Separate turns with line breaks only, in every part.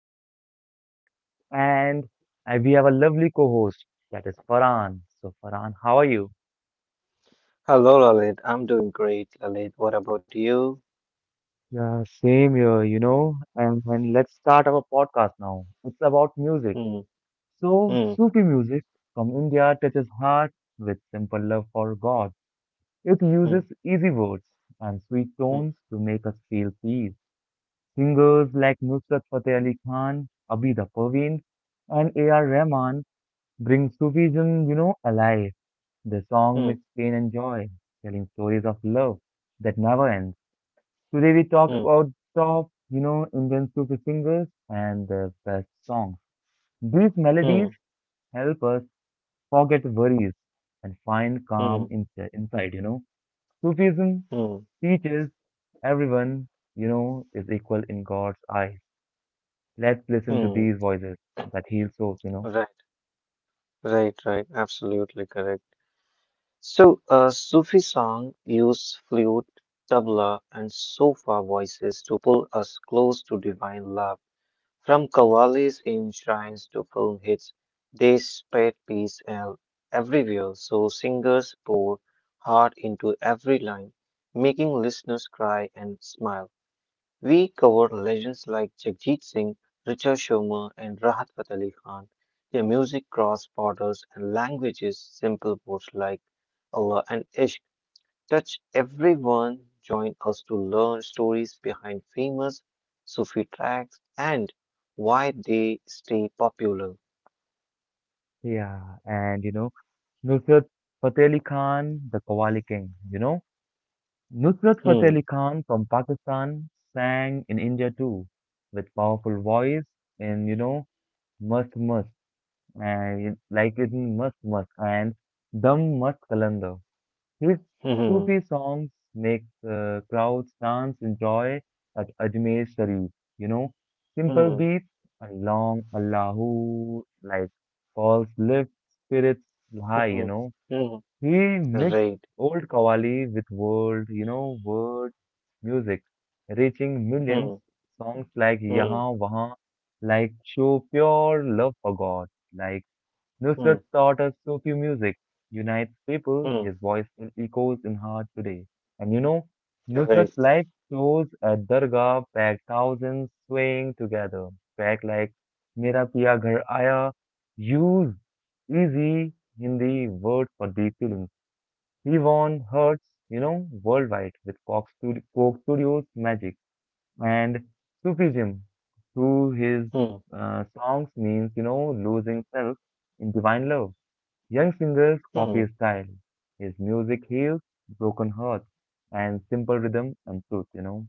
host, Lalit, and we have a lovely co-host that is Farhan. So, Farhan, how are you?
Hello, Lalit. I'm doing great, Lalit. What about you?
Yeah, same here, you know. And let's start our podcast now. It's about music.
Hmm,
So,
hmm,
Sufi music from India touches heart with simple love for God. It
hmm,
uses easy words and sweet
hmm,
tones to make us feel peace. Singers like Nusrat Fateh Ali Khan, Abida Parveen, and A.R. Rahman brings Sufism, you know, alive. The song
hmm,
makes pain and joy, telling stories of love that never ends. Today we talk
hmm,
about top, you know, Indian Sufi singers and their best songs. These melodies
hmm,
help us forget worries and find
hmm,
calm inside, inside you know. Sufism
hmm,
teaches everyone, you know, is equal in God's eyes. Let's listen to
hmm.
these voices that heal souls, you know.
Right, right, right. Absolutely correct. So, Sufi song use flute, tabla, and sofa voices to pull us close to divine love. From qawwalis in shrines to film hits, they spread peace everywhere, so singers pour heart into every line, making listeners cry and smile. We cover legends like Jagjit Singh, Richa Sharma, and Rahat Fateh Ali Khan. Their music crossed borders and languages, simple words like Allah and Ishq touch everyone. Join us to learn stories behind famous Sufi tracks and why they stay popular.
Yeah, and you know, Nusrat Fateh Ali Khan, the Qawwali King, you know. Nusrat Fateh
Hmm.
Ali Khan from Pakistan sang in India too, with powerful voice and you know, must and like in must and dum must kalanda. His
Hmm.
Sufi songs make crowds dance in joy at Ajmer Sharif, you know. Simple
Hmm.
beats and long Allahu like calls lift spirits high, you
Hmm.
know.
Hmm.
He
Hmm,
mixed
right.
old Qawwali with world, you know, world music, reaching
Hmm.
millions. Songs like
Hmm.
Yahan Wahan, like show pure love for God, like
Hmm.
Nusrat taught us Sufi music, unites people.
Hmm.
His voice still echoes in heart today. And you know, Nusrat's
Right.
live shows at Dargah packed thousands swaying together. Track like Mera Piya Ghar Aaya, use easy Hindi words for deep feelings he won hearts, you know, worldwide with Coke Studio, Coke Studios' magic and Sufism through his
Hmm.
songs means, you know, losing self in divine love. Young singers copy his
Hmm.
style. His music heals broken hearts and simple rhythm and truth, you know.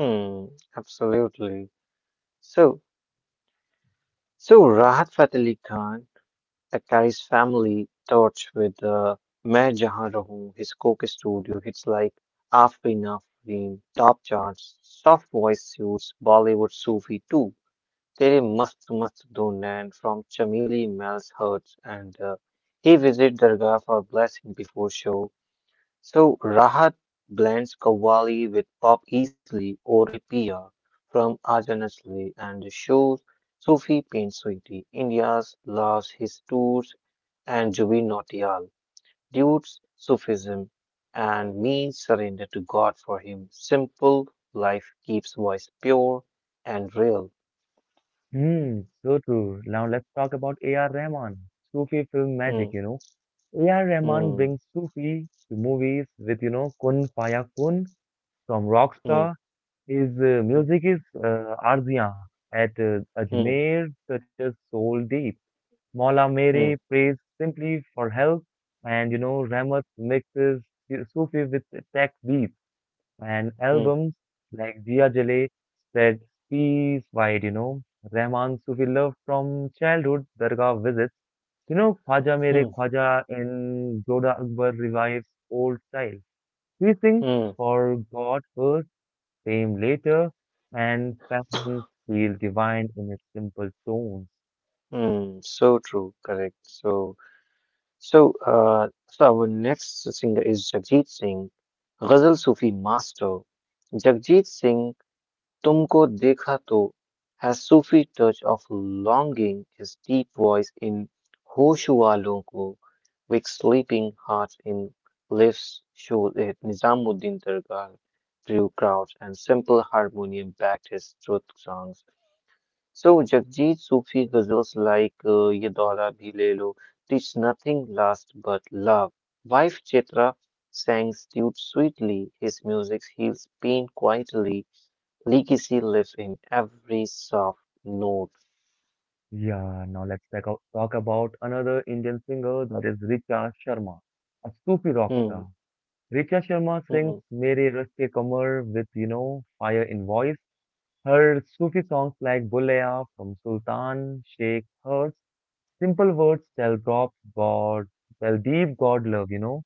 Hmm. Absolutely. So, so Rahat Fateh Ali Khan. Sakkari's family torch with Main Jahan Rahoon, his Coke studio hits like Aafin Aafin, top charts, soft voice suits Bollywood Sufi too. Tere Mast Mast Do Nain from Chameli Mel's Hurts and he visit Dargah for blessing before show. So Rahat blends Qawwali with pop easily or a from Ajan Asli and shows Sufi pain Sweetie. India's loves his tours and Jubin Nautiyal, dudes Sufism and means surrender to God for him. Simple life keeps voice pure and real.
Hmm, so true. Now let's talk about A.R. Rahman, Sufi film magic, you
Hmm,
know. A.R. Rahman brings
hmm,
Sufi to movies with, you know, Kun Faya Kun from Rockstar.
hmm,
His
hmm,
music is arziyan at
hmm,
Ajmer, such as Soul Deep. Maula Mere
hmm,
prays simply for help, and you know, Rahmat mixes Sufi with tech beats, and
hmm,
albums like Diya Jale spread peace wide, you know. Rahman Sufi love from childhood, Dargah visits. You know, Khwaja Mere
hmm,
Khwaja in Zoda Akbar revives old style. He sings
hmm,
for God first came later, and Patterns feel divine in its simple tones.
hmm. So true, correct. So our next singer is Jagjit Singh, Ghazal Sufi master. Jagjit Singh तुमको देखा तो है Sufi touch of longing is deep voice in होश वालों को wake sleeping heart in lift show it Nizamuddin Dargah drew crowds and simple harmonium backed his truth songs. So Jagjit Sufi ghazals like Ye Daura Bhi Le Lo teach nothing last but love. Wife Chitra sang suit sweetly. His music heals pain quietly. Legacy lives in every soft note.
Yeah, now let's talk about another Indian singer that is Richa Sharma, a Sufi rock
Hmm,
star. Richa Sharma sings
hmm,
Mere Raste Kamar with, you know, fire in voice. Her Sufi songs like Bulaya from Sultan, Sheikh, Hers, simple words tell God, God, tell deep God love, you know.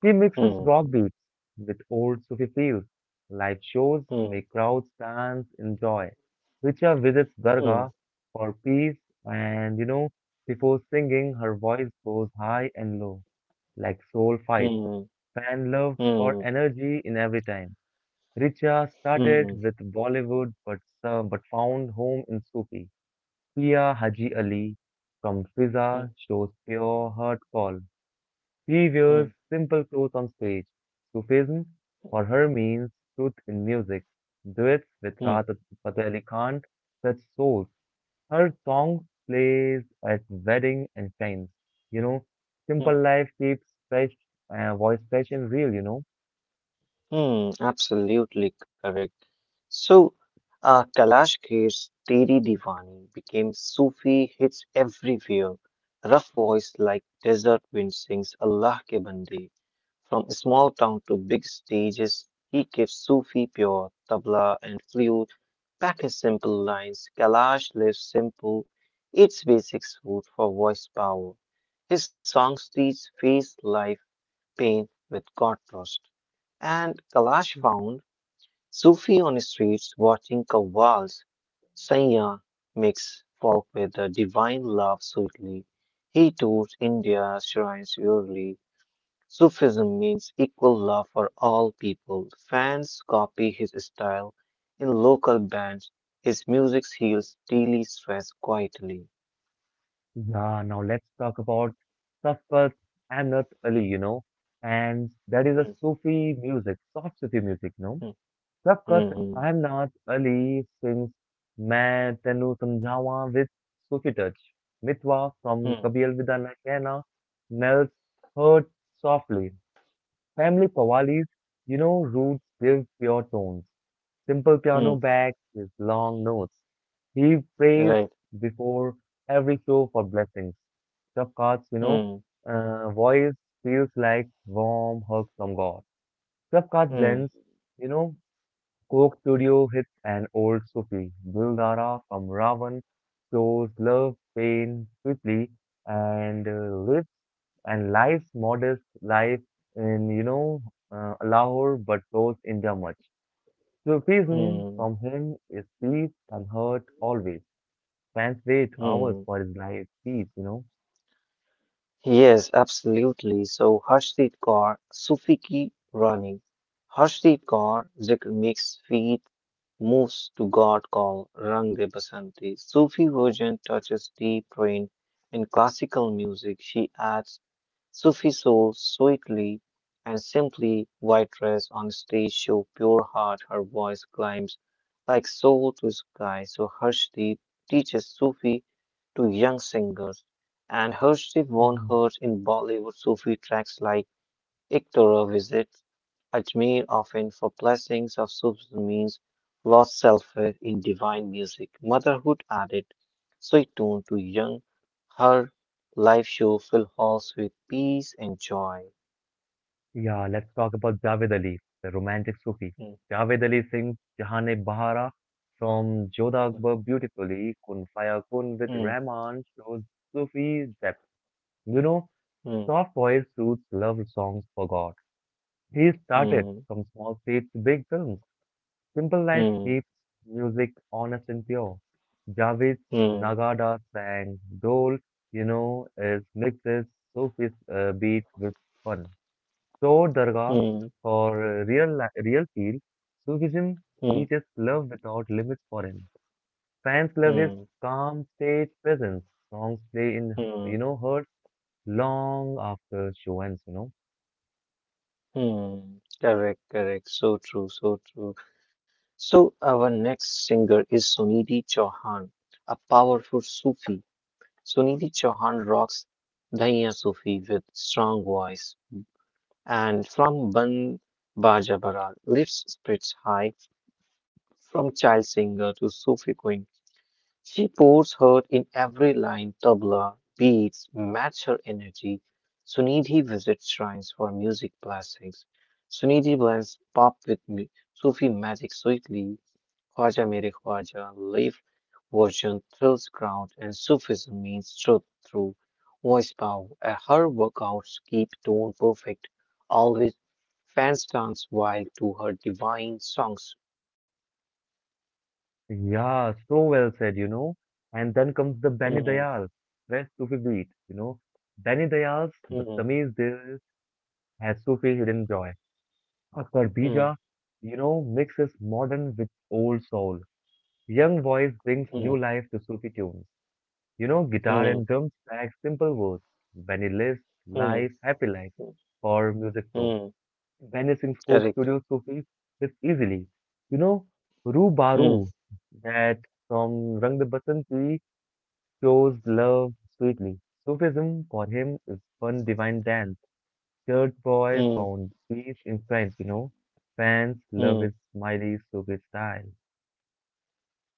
He mixes rock
hmm,
beats with old Sufi feels. Live shows
hmm,
make crowds dance in joy. Richa visits
hmm,
Dargah for peace, and you know, before singing, her voice goes high and low, like soul fights.
hmm,
Fan love for
hmm,
energy in every time. Richa started
hmm,
with Bollywood but found home in Sufi. Pia Haji Ali from
hmm,
Fiza shows pure heart call. He
hmm,
wears simple clothes on stage. Sufism for her means truth in music. Duets with
hmm,
Rahat Fateh Ali Khan touch souls. Her songs plays at wedding and friends. You know, simple
hmm,
life keeps voice fresh and real. You know.
hmm. Absolutely correct. So, Kalash Kher's Teri Diwani became Sufi hits everywhere. Rough voice like desert wind sings Allah ke Bande. From small town to big stages, he keeps Sufi pure, tabla and flute, back his simple lines. Kalash lives simple, eats basic food for voice power. His songs teach face, life, pain with God trust. And Kalash
Yeah.
found Sufi on the streets watching Qawwal's Saiyyah mix folk with the divine love sweetly. He tours India shrines yearly. Sufism means equal love for all people. Fans copy his style in local bands. His music heals daily stress quietly.
Yeah, now let's talk about Safwat Amnat Ali. You know, and that is a
Mm,
Sufi music, soft Sufi music. No.
mm,
Shafqat,
mm, mm,
I'm not Ali sings मैं तेनू समझावा with Sufi touch. Mitwa from
mm,
कभी अलविदा ना कहना melts hurt softly. Family Qawwalis, you know, roots give pure tones. Simple piano
mm,
back his long notes. He prays
right.
before every show for blessings. Shafqat's, you know,
Mm,
voice feels like warm hug from God. Shafqat
mm,
blends, you know, Coke Studio hits an old Sufi, Guldara from Ravan, shows love, pain swiftly, and uh, lives and lives modest life in you know Lahore, but goes India much. Sufism
mm,
from him is peace and hurt always. Fans wait hours
mm.
for his live speech, you
Yes, absolutely. So Harshit Kaur, Sufi ki Rani. Harshit Kaur zikr makes feet moves to God call Rang De Basanti. Sufi version touches deep rain in classical music. She adds Sufi soul sweetly and simply. White dress on stage show pure heart. Her voice climbs like soul to sky. So Harshdeep teaches Sufi to young singers. And Harshdeep won
know.
hers in Bollywood Sufi tracks like Iktora visits Ajmer often for blessings of Subhramany's lost self-faith in divine music. Motherhood added sweet tone to young. Her live show filled halls with peace and joy.
Yeah, let's talk about Javed Ali, the romantic Sufi.
Mm,
Javed Ali sings Jahane Bahara from Jodha Akbar beautifully, Kun Faya Kun with
mm,
Rahman shows Sufi depth. You know,
mm,
soft voice suits love songs for God. He started
mm,
from small stage to big films. Simple life
mm,
keeps music honest and pure. Javed
mm,
Nagada sang Dole, you know, is mixes Sufi beat with fun. So, Dargah,
mm,
for real feel, Sufism
mm, mm,
teaches love without limits for him. Fans love his
mm,
calm stage presence. Songs play you
mm.
know, heard long after show ends, you know.
Mm. Correct, correct. So true, so true. So our next singer is Sunidhi Chauhan, a powerful Sufi. Sunidhi Chauhan rocks Dhaiya Sufi with strong voice, and from Ban Baja Barat lifts spirits high. From child singer to Sufi queen, she pours her in every line. Tabla beats match her energy. Sunidhi visits shrines for music blessings. Sunidhi blends pop with Sufi magic sweetly. Khwaja Mere Khwaja, version thrills crowd and Sufism means truth through voice power. Her workouts keep tone perfect, always fans dance wild to her divine songs.
Yeah, so well said, you know. And then comes the Bani
Hmm,
Dayal, best Sufi beat, you know. Bani Dayal's
hmm,
Badtameez Dil has Sufi hidden joy. Akbar
hmm,
Bija, you know, mixes modern with old soul. Young voice brings
hmm,
new life to Sufi tunes. You know, guitar
hmm,
and drums lack simple words. When he lives
hmm,
life, happy life,
hmm,
for music so.
hmm,
When he sings folk
correct.
studio Sufi, it's easily. You know, Ru
Hmm,
Baru, that from Rang de Basanti shows love sweetly. Sufism for him is one divine dance. Church boy
hmm,
found peace in friends, you know. Fans love
hmm.
his smiley Sufi style.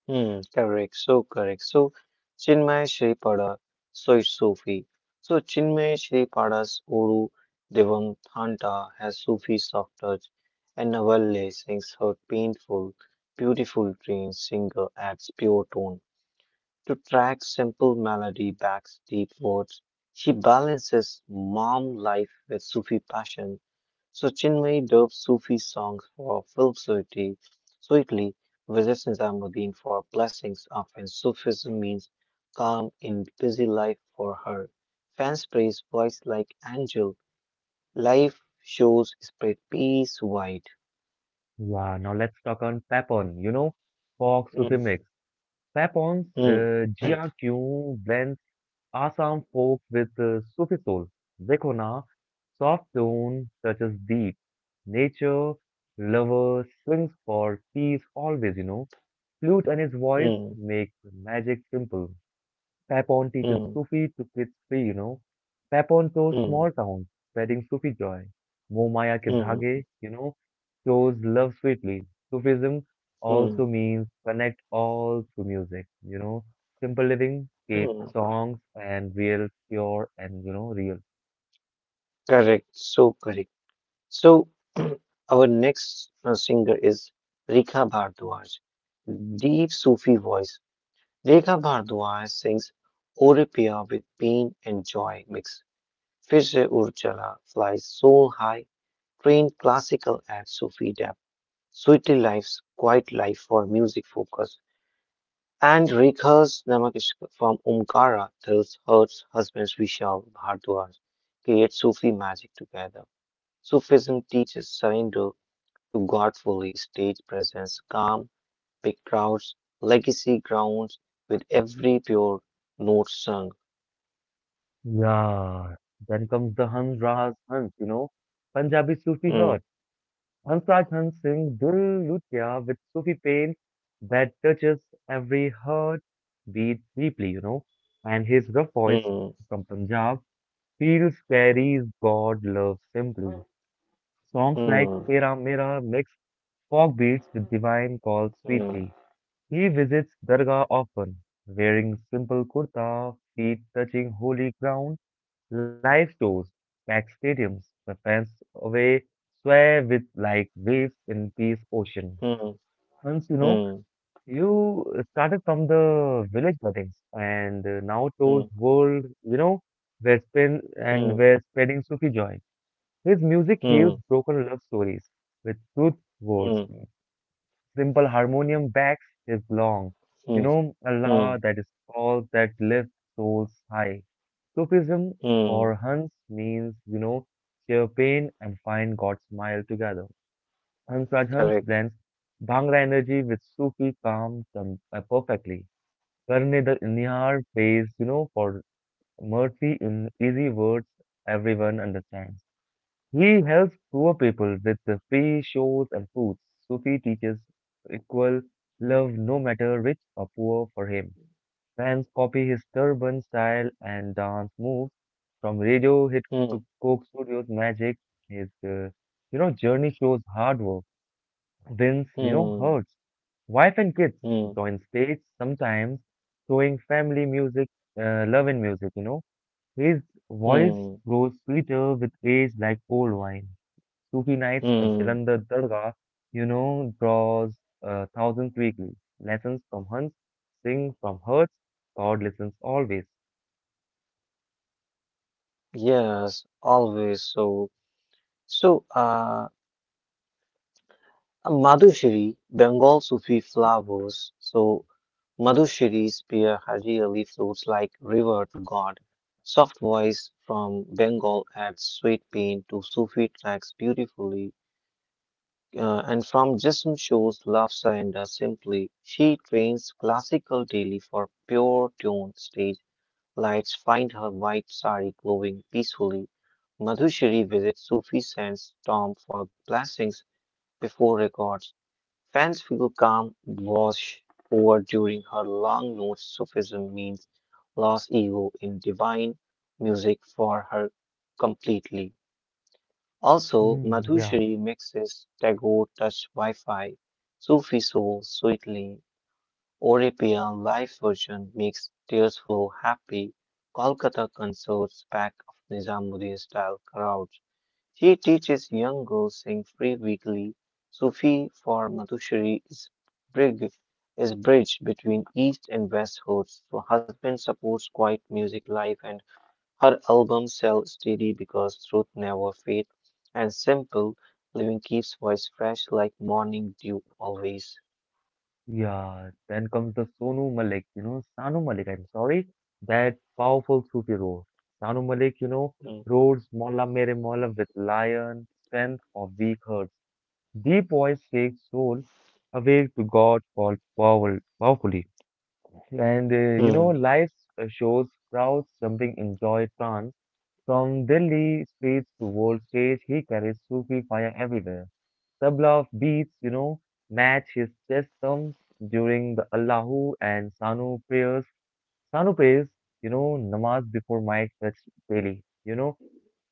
Hmm, correct. So correct. So Chinmay Shripada is Sufi. So Chinmay Shripada's Uru Devam Thanta has Sufi soft touch, and Navalle sings her painful, beautiful trained singer adds pure tone. To track simple melody backs deep words, she balances mom life with Sufi passion. So Chinmay dubbed Sufi songs for Philosophy sweetly visits Nizamuddin for blessings. Often Sufism means calm in busy life for her. Fans praise voice like angel. Life shows spread peace wide.
Yeah, now let's talk on Papon, you know, folk
Mm,
Sufi mix. Papons,
mm,
GRQ blends Assam folk with Sufi soul. Zekona, soft tone touches deep. Nature lover swings for peace always, you know. Flute and his voice
mm,
make magic simple. Papon teaches
mm,
Sufi to kids free, you know. Papon tours small
mm,
towns, spreading Sufi joy. Momaya ke dhage,
mm,
you know, shows love sweetly. Sufism
mm, mm.
also means connect all to music, you know. Simple living, escape songs and real, pure and, you know, real.
Correct. So our next singer is Rika Bhardwaj deep Sufi voice Rekha Bhardwaj sings "O Re Piya" with pain and joy mixed. Fir Se Urjala flies soul high, trained classical at Sufi depth. Sweetly Life's Quiet Life for music focus. And Rekha's Namakshika from Omkara tells her husband Vishal Bhardwaj create Sufi magic together. Sufism teaches surrender to God fully, stage presence, calm, big crowds, legacy grounds with every pure note sung.
Yeah. Then comes the Hans Raz Hans, you know. Punjabi Sufi
Mm,
heart. Hansraj Hans sings Dil Lutia with Sufi pain that touches every heart beat deeply, you know. And his rough voice
mm,
from Punjab feels carries God love simply. Songs like
mm,
Tera Mera mix folk beats with divine calls
mm,
sweetly. He visits Dargah often, wearing simple kurta, feet touching holy ground. Live tours, packed stadiums, where fans away swear with like waves in peace ocean.
mm,
Once you know,
mm,
you started from the village weddings and now tours
mm,
world, you know, we're spin and
mm,
we're spreading Sufi joy. His music heals
mm,
broken love stories with truth words
mm,
simple harmonium backs his long. You
mm,
know, Allah
mm,
that is called that lifts souls high. Sufism
mm.
for Hans means, you know, share pain and find God's smile together. Hans Raj Hans
Correct.
blends Bhangra energy with Sufi perfectly. Karne the Nihar pays, you know, for mercy in easy words everyone understands. He helps poor people with the free shows and foods. Sufi teaches equal love no matter rich or poor for him. Fans copy his turban style and dance moves. From radio hit
Mm,
to Coke Studios magic, his you know journey shows hard work, wins, you know
mm,
hurts. Wife and kids
mm,
join stage sometimes, showing family love in music. You know his voice
mm,
grows sweeter with age like old wine. Sufi nights at
mm.
Jalandhar Dargah, you know, draws thousands weekly. Lessons from hunts, sing from hearts, God listens always.
Yes, always so. So, Madhushiri, Bengal Sufi flowers. So, Madhushiri's spear really flows like river to God. Soft voice from Bengal adds sweet pain to Sufi tracks beautifully. And from Jism shows Lafsa and Simply. She trains classical daily for pure tone stage. Lights find her white sari glowing peacefully. Madhushiri visits Sufi sands tomb for blessings before records. Fans feel calm wash over during her long notes. Sufism means lost ego in divine music for her completely. Also,
Hmm. Yeah,
Madhushri mixes Tagore Touch Wi-Fi, Sufi Soul Sweetly, European live version makes Tears Flow Happy, Kolkata concerts pack of Nizamuddin style crowds. She teaches young girls sing free weekly. Sufi for Madhushri is bridge, bridge between East and West hosts, so husband supports quiet music life and her albums sell steady because truth never fades, and simple living keeps voice fresh like morning dew always.
yeah. Then comes the Sonu Malik, you know, Sanu Malik, I'm sorry, that powerful Sufi roar. Sanu Malik, you know,
Mm,
roars Molla Mere Molla with lion, strength of weak hearts. Deep voice shakes soul awake to God called power, powerfully. And you know,
mm,
live shows crowds jumping in joy trance. From Delhi streets to world stage, he carries Sufi fire everywhere. Tabla beats, you know, match his chest thumbs during the Allahu and Sanu prayers. Sanu prays, you know, namaz before mic touch daily, you know,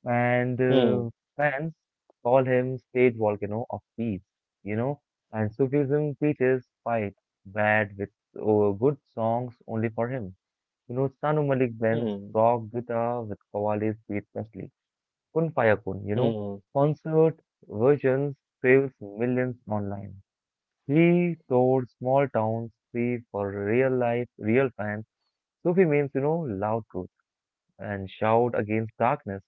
and
mm,
fans call him stage volcano of peace, you know, and Sufism teaches fight bad with good songs only for him. You know, Sanu Malik blends
mm,
rock guitar with Qawwali's Beat Musli. Kun Faya Kun, you know,
mm,
concert versions fills millions online. He toured small towns free for real life, real fans. Sufi means, you know, loud truth and shout against darkness.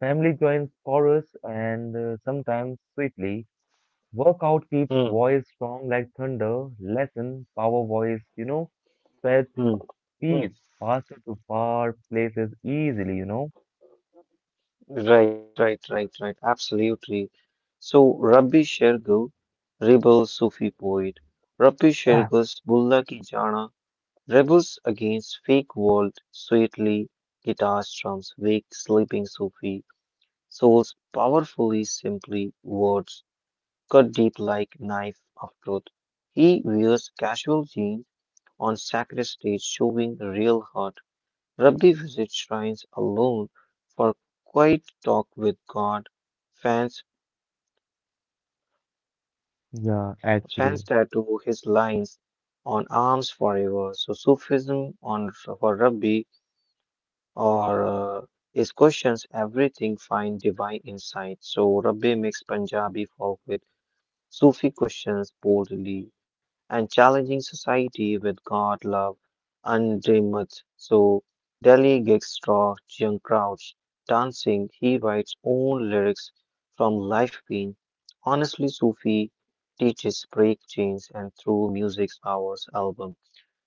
Family joins chorus and sometimes sweetly. Workout keeps
mm,
voice strong like thunder. Lesson, power voice, you know, spreads
mm,
peace
mm.
faster to far places easily, you know.
Right, right, right, right. Absolutely. So Rabbi Shergill, rebel Sufi poet. Rabbi
Ah,
Shergill's Bulla Ki Jana rebels against fake world sweetly. Guitar strums wake sleeping Sufi. Souls powerfully simply words cut deep like knife of truth. He wears casual jeans on sacred stage showing real heart. Rabdi visits shrines alone for quiet talk with God. Fans
yeah,
fans
actually.
tattoo his lines on arms forever. So Sufism on for Rabbi or is questions everything find divine insight. So Rabbi makes Punjabi folk with Sufi questions boldly and challenging society with God, love, and dreamers. So Delhi gigs draw young crowds. Dancing, he writes own lyrics from life pain. Honestly, Sufi teaches break chains and through music's hours album.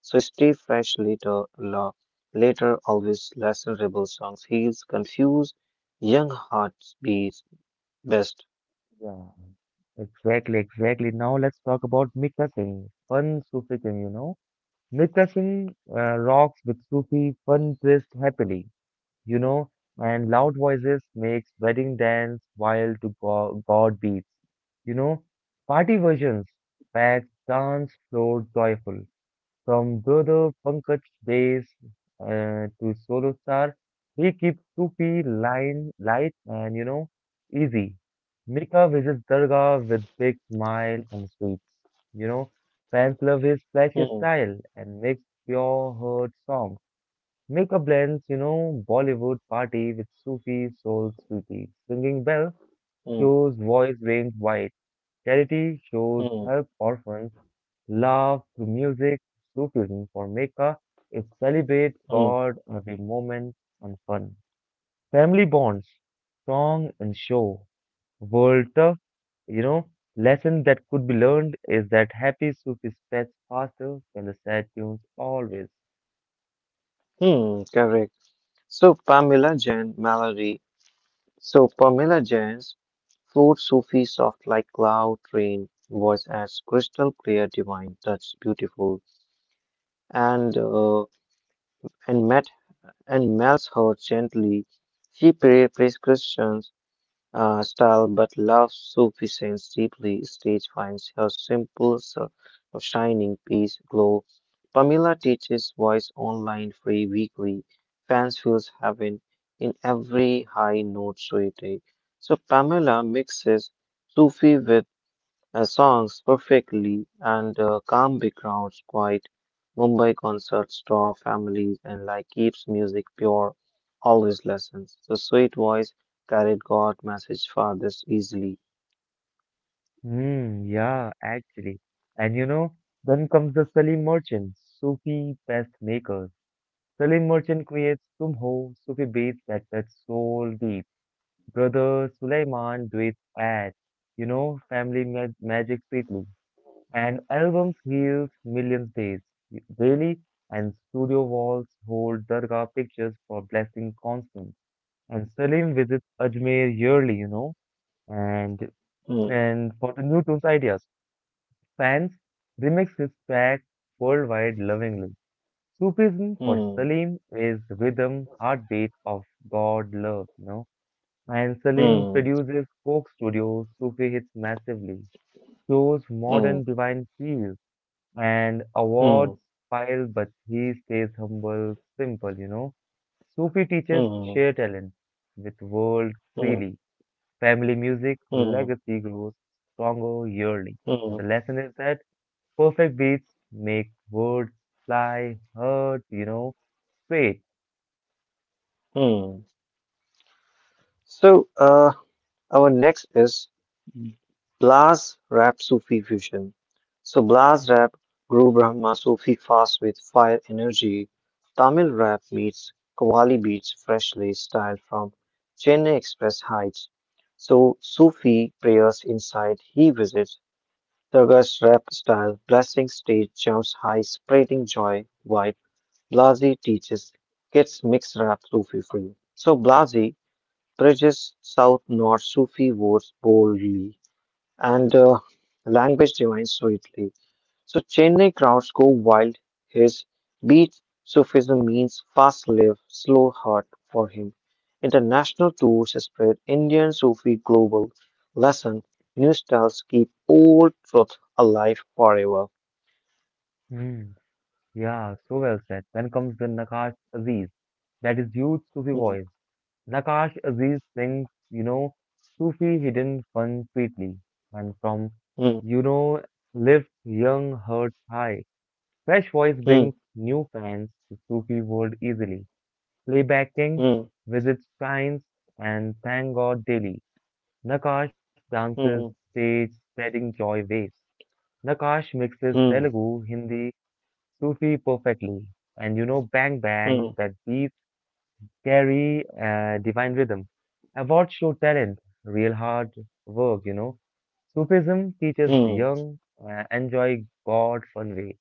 So stay fresh later always lesson rebel songs heals, confuse young hearts beats best.
Yeah. Exactly, exactly. Now let's talk about Mika Singh, fun Sufi king, you know. Mika Singh rocks with Sufi fun twist happily, you know, and loud voices makes wedding dance wild to go God beats, you know. Party versions pack dance floor joyful, from Brother Pankaj days to solo star, he keeps Sufi line light and you know easy. Mika visits Durga with big smile and sweets. You know, fans love his flashy
Hmm,
style and makes pure heart songs. Mika blends, you know, Bollywood party with Sufi soul Sufi. Singing bell
hmm,
shows voice range wide. Charity shows
hmm,
help orphans, love through music, Sufism for Mecca, it celebrates
hmm.
God, every moment, and fun. Family bonds, song and show, world tough, you know, lesson that could be learned is that happy soup is faster than the sad tunes always.
Hmm, correct. So Pamela Jain Mallory. So Pamela Jain's flute Sufi soft like cloud rain voice as crystal clear divine touch beautiful and uh, and met and melts her gently. She pray prescriptions style but loves sufficiency deeply. Stage finds her simple, a shining peace glow. Pamela teaches voice online free weekly. Fans feels heaven in every high note suite. So Pamela mixes Sufi with songs perfectly and calm backgrounds, quiet Mumbai concerts draw families and like keeps music pure, always lessons. The sweet voice carried God message farthest easily.
Hmm, yeah, actually. And then comes the Salim merchants, Sufi best makers. Salim Merchant creates Tum Ho Sufi beats that touch soul deep. Brother Sulaiman do it at, family magic sweetly. And albums heals millions days daily, and studio walls hold Dargah pictures for blessing constant. And Salim visits Ajmer yearly, and
Hmm,
and for the new tunes ideas. Fans remix his track worldwide lovingly. Sufism for
hmm,
Salim is rhythm, heartbeat of God love, you know. And Salim
hmm,
produces Coke Studios, Sufi hits massively, shows
hmm,
modern divine fields and
hmm,
awards pile, but he stays humble, simple, you know. Sufi teaches
hmm,
share talent with world
hmm,
freely. Family music
hmm,
legacy grows stronger yearly. And the
hmm,
lesson is that perfect beats make words fly, hurt, straight.
hmm. So our next is Blaz rap Sufi fusion. So Blaz rap grew Brahma Sufi fast with fire energy. Tamil rap meets Qawwali beats freshly styled from Chennai Express Heights. So Sufi prayers inside he visits. Durga's rap style blessing stage jumps high spreading joy wide. Blazi teaches kids mixed rap Sufi free. So Blazi bridges South North Sufi wars boldly and language divines sweetly. So Chennai crowds go wild. His beat Sufism means fast live, slow heart for him. International tours spread Indian Sufi global lesson. New styles keep old truth alive forever.
Hmm, yeah, so well said. Then comes the Nakash Aziz, that is huge Sufi
Hmm,
voice. Nakash Aziz sings, Sufi hidden fun sweetly, and from,
hmm,
you know, lifts young hearts high. Fresh voice
hmm,
brings new fans to Sufi world easily. Playback kings
hmm,
visits shrines and thank God daily. Nakash dances
hmm,
stage, spreading joy waves. Nakash mixes
hmm,
Telugu, Hindi, Sufi perfectly. And Bang
hmm,
Bang, that deep, scary, divine rhythm. Awards show talent, real hard work, you know. Sufism teaches
hmm,
young, enjoy God fun way.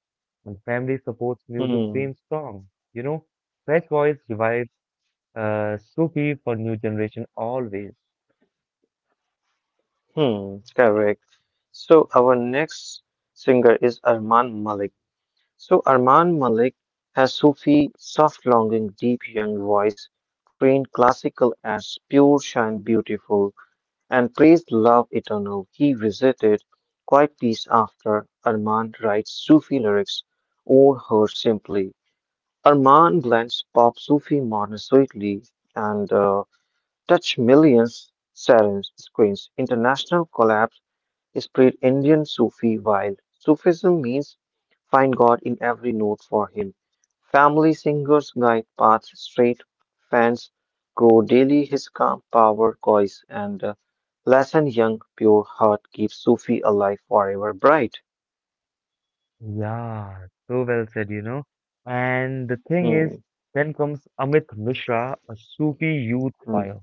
And family supports music
hmm,
dreams strong. You know, Fresh voice revives Sufi for new generation always.
hmm. Correct. So our next singer is Arman Malik. So Arman Malik has Sufi, soft longing, deep young voice, trained classical as pure shine beautiful, and praised love eternal. He visited quite peace after Arman writes Sufi lyrics or her simply. Arman blends pop Sufi modern sweetly and touch millions serene screens. International collabs spread Indian Sufi while Sufism means find God in every note for him. Family singers guide paths straight, fans grow daily his calm power coils and lesson young pure heart keeps Sufi alive forever bright.
Yeah, so well said, you know. And the thing is,
Hmm,
then comes Amit Mishra, a Sufi youth
hmm,
fire.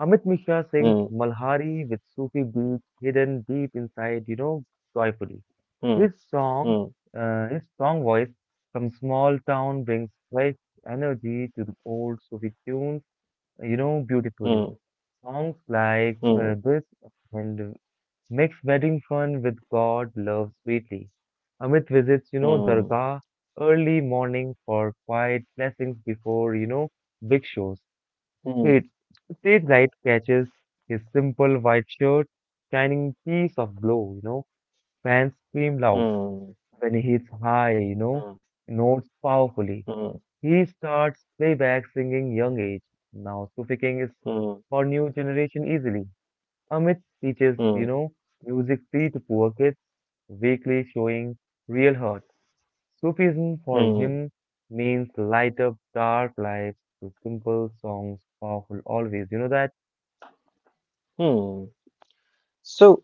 Amit Mishra sings
hmm,
Malhari with Sufi beats hidden deep inside, joyfully.
hmm,
His song,
hmm,
his strong voice from small town brings fresh energy to the old Sufi tunes, beautifully. Songs like
hmm,
this and makes wedding fun with God love sweetly. Amit visits,
hmm,
Dargah early morning for quiet blessings before, big shows.
hmm, hmm,
Kate, stage light catches his simple white shirt, shining piece of glow, you know. Fans scream
hmm,
loud
hmm,
when he hits high, notes powerfully. He starts playback singing young age, now Sufi King is
hmm,
for new generation easily. Amit teaches,
hmm,
music free to poor kids, weekly showing real hurt. Sufism for
hmm, hmm,
him means light up dark lives with simple songs, powerful always. You know that?
hmm. So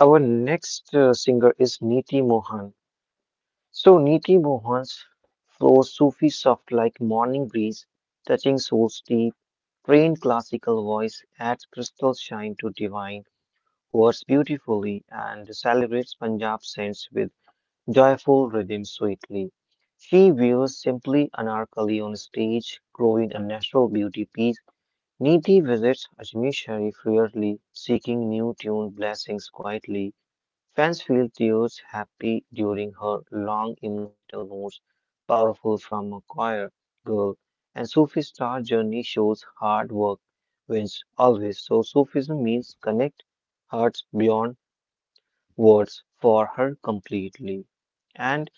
our next singer is Niti Mohan. So Niti Mohan's flows Sufi soft like morning breeze, touching soul's deep, trained classical voice adds crystal shine to divine words beautifully and celebrates Punjab saints with joyful rhythm sweetly. She wears simply anarkali on stage, growing a natural beauty piece. Niti visits Ajmer Sharif rarely, seeking new tune blessings quietly. Fans feel Theo's happy during her long emotional notes, powerful from a choir girl, and Sufi star journey shows hard work wins always. So Sufism means connect hearts beyond words for her completely. And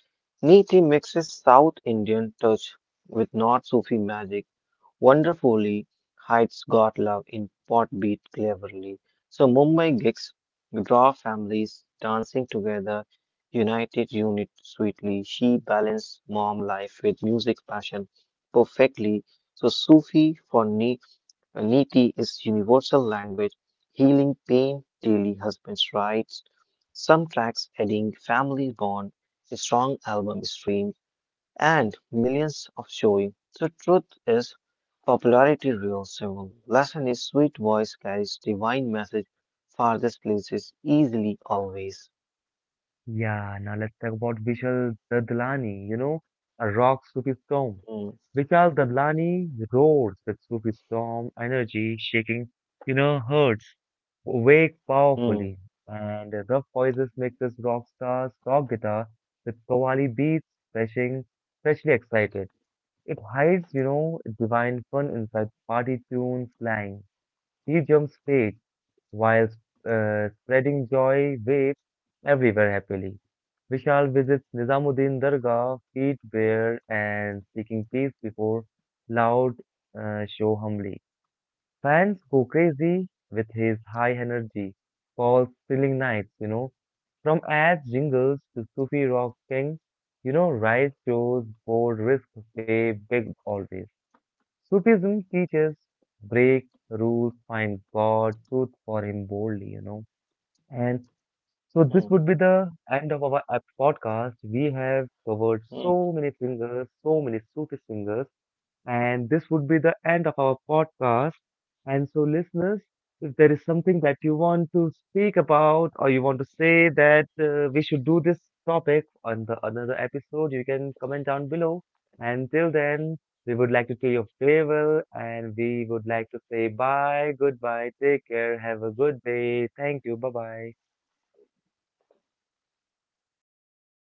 Niti mixes South Indian touch with North Sufi magic wonderfully hides God love in pot beat cleverly. So Mumbai gigs draw families dancing together, united unit sweetly. She balanced mom life with music passion perfectly. So Sufi for Niti is universal language, healing pain, daily husband's rights. Some tracks adding family bond, a strong album stream and millions of showing. The truth is, popularity rules soul. Lesson is sweet voice carries divine message. Farthest places easily always.
Yeah, now let's talk about Vishal Dadlani, you know, a rock Sufi storm.
Hmm,
Vishal Dadlani roars with Sufi storm energy, shaking, you know, hearts, wake
hmm,
powerfully. And the rough voices make this rock star's rock guitar with Qawwali beats, freshing, freshly excited. It hides, you know, divine fun inside party tunes slang. He jumps straight while spreading joy waves everywhere happily. Vishal visits Nizamuddin Dargah, feet bare and seeking peace before loud show humbly. Fans go crazy with his high energy, calls thrilling nights, you know, from ads jingles to Sufi rock king, you know, riot shows, bold risk, pay big always. Sufism teaches break rules, find God, truth for him boldly, you know. And so
hmm,
this would be the end of our podcast. We have covered
hmm.
so many singers, so many Sufi singers. And this would be the end of our podcast. And so, listeners, if there is something that you want to speak about or you want to say that we should do this topic on the another episode, you can comment down below. And till then, we would like to say your farewell and we would like to say bye, goodbye, take care, have a good day. Thank you. Bye bye.